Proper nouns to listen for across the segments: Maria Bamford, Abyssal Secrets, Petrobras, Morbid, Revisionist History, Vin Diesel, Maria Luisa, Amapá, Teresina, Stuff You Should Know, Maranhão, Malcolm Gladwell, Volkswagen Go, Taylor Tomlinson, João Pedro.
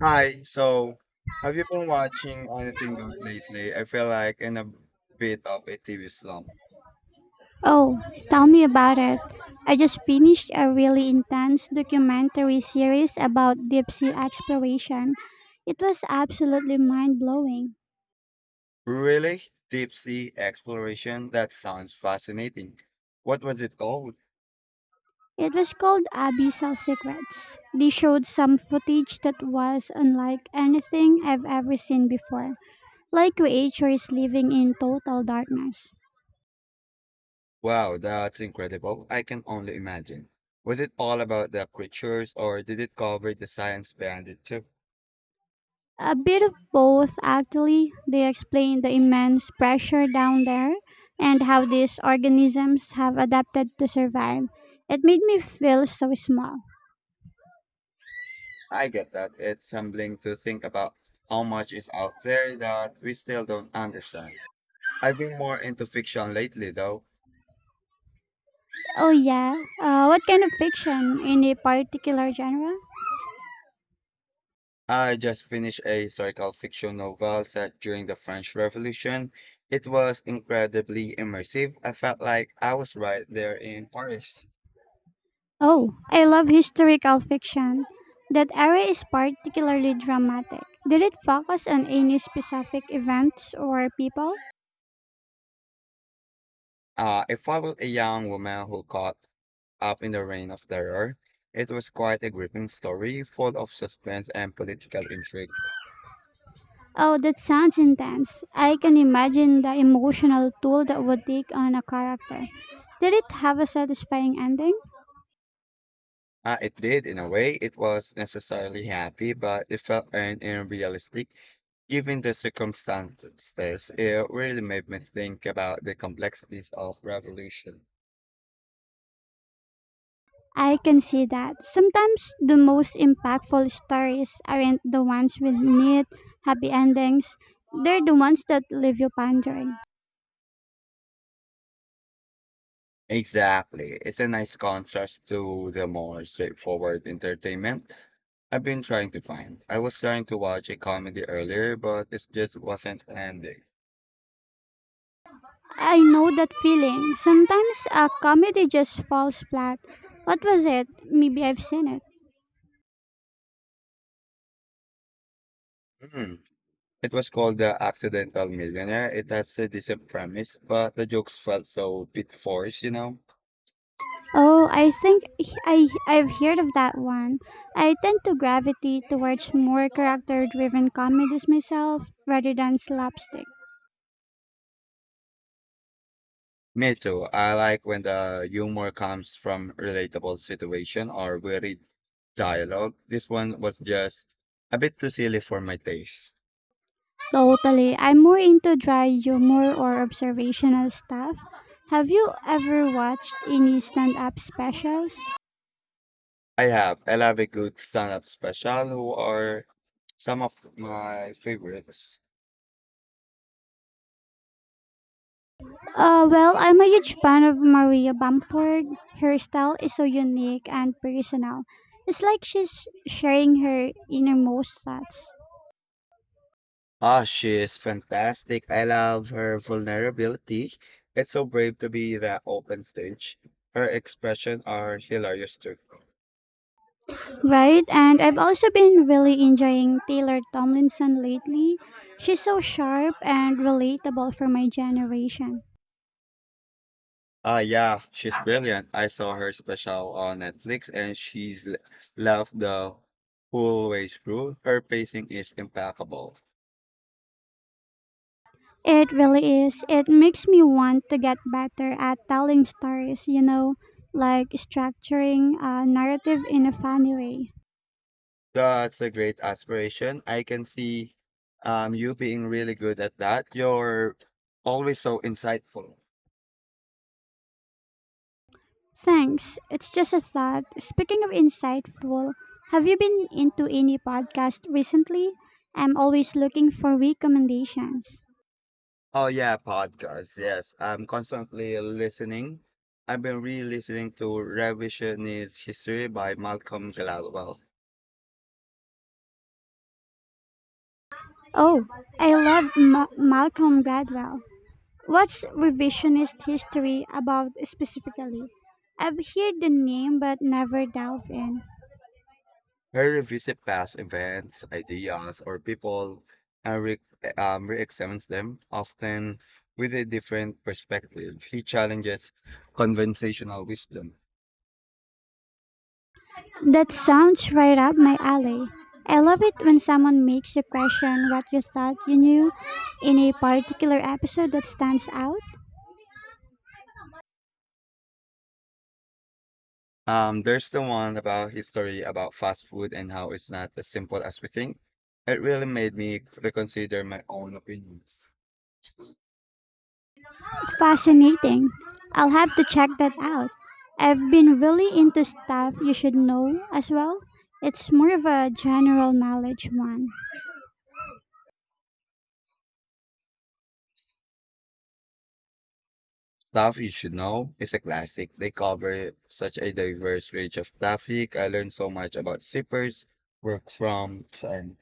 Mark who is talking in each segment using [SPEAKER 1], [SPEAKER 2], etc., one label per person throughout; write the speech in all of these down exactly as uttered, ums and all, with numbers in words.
[SPEAKER 1] Hi, so have you been watching anything good lately? I feel like in a bit of a T V slump.
[SPEAKER 2] Oh, tell me about it. I just finished a really intense documentary series about deep sea exploration. It was absolutely mind blowing.
[SPEAKER 1] Really? Deep sea exploration? That sounds fascinating. What was it called?
[SPEAKER 2] It was called Abyssal Secrets. They showed some footage that was unlike anything I've ever seen before, like creatures living in total darkness.
[SPEAKER 1] Wow, that's incredible. I can only imagine. Was it all about the creatures or did it cover the science behind it too?
[SPEAKER 2] A bit of both, actually. They explain the immense pressure down there and how these organisms have adapted to survive. It made me feel so small.
[SPEAKER 1] I get that. It's humbling to think about how much is out there that we still don't understand. I've been more into fiction lately though.
[SPEAKER 2] Oh, yeah. Uh, what kind of fiction? Any particular genre?
[SPEAKER 1] I just finished a historical fiction novel set during the French Revolution. It was incredibly immersive. I felt like I was right there in Paris.
[SPEAKER 2] Oh, I love historical fiction. That era is particularly dramatic. Did it focus on any specific events or people?
[SPEAKER 1] Uh, it followed a young woman who caught up in the reign of terror. It was quite a gripping story, full of suspense and political intrigue.
[SPEAKER 2] Oh, that sounds intense. I can imagine the emotional toll that would take on a character. Did it have a satisfying ending?
[SPEAKER 1] Uh, it did, in a way, it was necessarily happy, but it felt earned and realistic. Given the circumstances, it really made me think about the complexities of revolution.
[SPEAKER 2] I can see that. Sometimes the most impactful stories aren't the ones with neat, happy endings. They're the ones that leave you pondering.
[SPEAKER 1] Exactly. It's a nice contrast to the more straightforward entertainment I've been trying to find. I was trying to watch a comedy earlier, but it just wasn't ending.
[SPEAKER 2] I know that feeling. Sometimes a comedy just falls flat. What was it? Maybe I've seen it.
[SPEAKER 1] Hmm. It was called The Accidental Millionaire. It has a decent premise, but the jokes felt so bit forced, you know?
[SPEAKER 2] Oh, I think he- I I've heard of that one. I tend to gravitate towards more character-driven comedies myself rather than slapstick.
[SPEAKER 1] Me too. I like when the humor comes from relatable situation or varied dialogue. This one was just a bit too silly for my taste.
[SPEAKER 2] Totally. I'm more into dry humor or observational stuff. Have you ever watched any stand-up specials?
[SPEAKER 1] I have. I love a good stand-up special who are some of my favorites.
[SPEAKER 2] Uh, well, I'm a huge fan of Maria Bamford. Her style is so unique and personal. It's like she's sharing her innermost thoughts.
[SPEAKER 1] Ah, she is fantastic. I love her vulnerability. It's so brave to be that open stage. Her expression are hilarious too.
[SPEAKER 2] Right, and I've also been really enjoying Taylor Tomlinson lately. She's so sharp and relatable for my generation.
[SPEAKER 1] Ah, yeah, she's brilliant. I saw her special on Netflix and she's l- laughed the whole way through. Her pacing is impeccable.
[SPEAKER 2] It really is. It makes me want to get better at telling stories, you know, like structuring a narrative in a funny way.
[SPEAKER 1] That's a great aspiration. I can see um you being really good at that. You're always so insightful.
[SPEAKER 2] Thanks. It's just a thought. Speaking of insightful, have you been into any podcast recently? I'm always looking for recommendations.
[SPEAKER 1] Oh yeah, podcasts. Yes, I'm constantly listening. I've been re-listening to Revisionist History by Malcolm Gladwell.
[SPEAKER 2] Oh, I love Ma- Malcolm Gladwell. What's revisionist history about specifically? I've heard the name but never delved in.
[SPEAKER 1] I revisit past events, ideas, or people and re um, re-examines them, often with a different perspective. He challenges conventional wisdom.
[SPEAKER 2] That sounds right up my alley. I love it when someone makes you question what you thought you knew in a particular episode that stands out.
[SPEAKER 1] Um, there's the one about his story about fast food and how it's not as simple as we think. It really made me reconsider my own opinions.
[SPEAKER 2] Fascinating. I'll have to check that out. I've been really into stuff you should know as well. It's more of a general knowledge one.
[SPEAKER 1] Stuff You Should Know is a classic. They cover such a diverse range of traffic. I learned so much about zippers, work from, and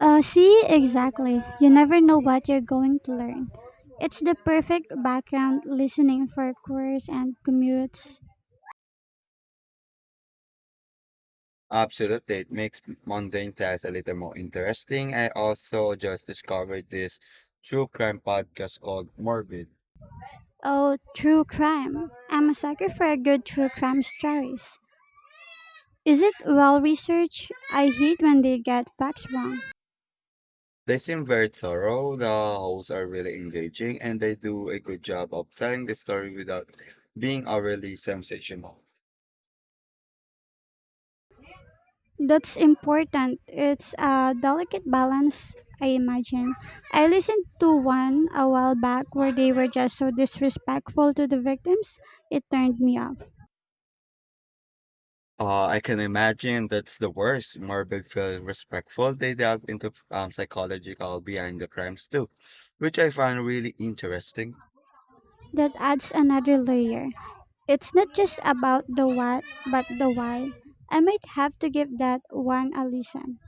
[SPEAKER 2] Uh, see, exactly. You never know what you're going to learn. It's the perfect background listening for queers and commutes.
[SPEAKER 1] absolutely, it makes mundane tasks a little more interesting. I also just discovered this true crime podcast called Morbid.
[SPEAKER 2] Oh, true crime. I'm a sucker for a good true crime stories. Is it well researched? I hate when they get facts wrong.
[SPEAKER 1] They seem very thorough. The hosts are really engaging, and they do a good job of telling the story without being overly sensational.
[SPEAKER 2] That's important. It's a delicate balance, I imagine. I listened to one a while back where they were just so disrespectful to the victims, it turned me off.
[SPEAKER 1] Uh, I can imagine that's the worst. Morbid feel respectful. They delve into um, psychological behind the crimes too, which I find really interesting.
[SPEAKER 2] That adds another layer. It's not just about the what, but the why. I might have to give that one a listen.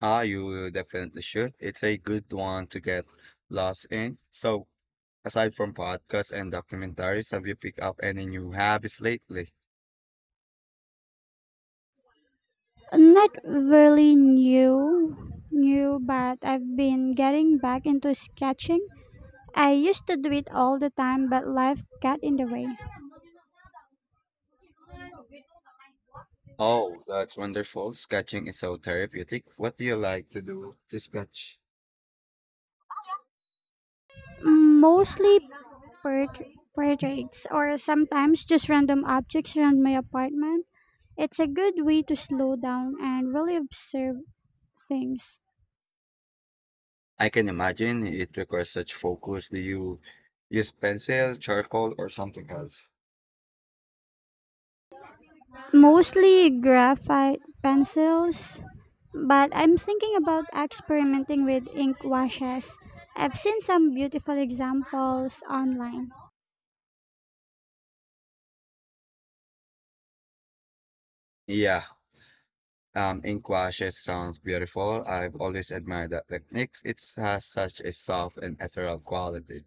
[SPEAKER 1] Ah, you definitely should. It's a good one to get lost in. So, aside from podcasts and documentaries, have you picked up any new habits lately?
[SPEAKER 2] Not really new, new, but I've been getting back into sketching. I used to do it all the time, but life got in the way.
[SPEAKER 1] Oh, that's wonderful. Sketching is so therapeutic. What do you like to do to sketch?
[SPEAKER 2] Mostly port- portraits, or sometimes just random objects around my apartment. It's a good way to slow down and really observe things.
[SPEAKER 1] I can imagine it requires such focus. Do you use pencil, charcoal, or something else?
[SPEAKER 2] Mostly graphite pencils, but I'm thinking about experimenting with ink washes. I've seen some beautiful examples online.
[SPEAKER 1] Yeah, um, ink washes sounds beautiful. I've always admired that techniques. It has such a soft and ethereal quality.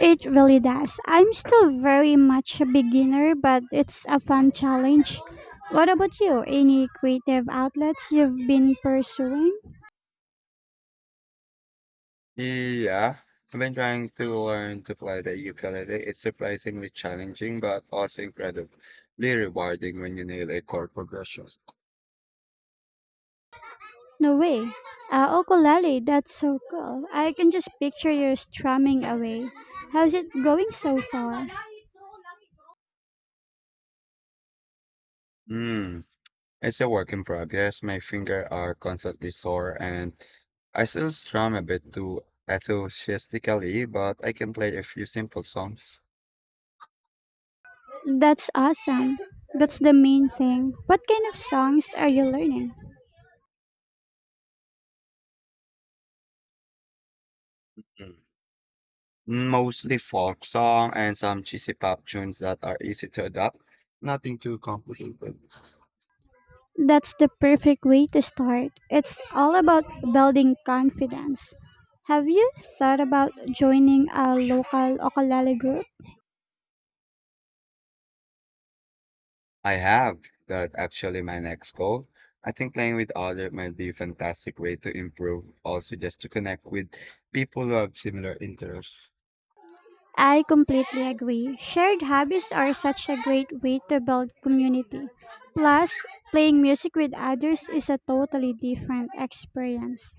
[SPEAKER 2] It really does. I'm still very much a beginner, but it's a fun challenge. What about you? Any creative outlets you've been pursuing?
[SPEAKER 1] Yeah, I've been trying to learn to play the ukulele. It's surprisingly challenging, but also incredibly rewarding when you nail a chord progression.
[SPEAKER 2] No way. Uh, ukulele, that's so cool. I can just picture you strumming away. How's it going so far?
[SPEAKER 1] Hmm. It's a work in progress. My fingers are constantly sore and I still strum a bit too enthusiastically, but I can play a few simple songs.
[SPEAKER 2] That's awesome. That's the main thing. What kind of songs are you learning?
[SPEAKER 1] Mm. Mostly folk song and some cheesy pop tunes that are easy to adapt. Nothing too complicated.
[SPEAKER 2] That's the perfect way to start. It's all about building confidence. Have you thought about joining a local ukulele group?
[SPEAKER 1] I have that actually my next goal. I think playing with others might be a fantastic way to improve, also just to connect with people who have similar interests.
[SPEAKER 2] I completely agree. Shared hobbies are such a great way to build community. Plus, playing music with others is a totally different experience.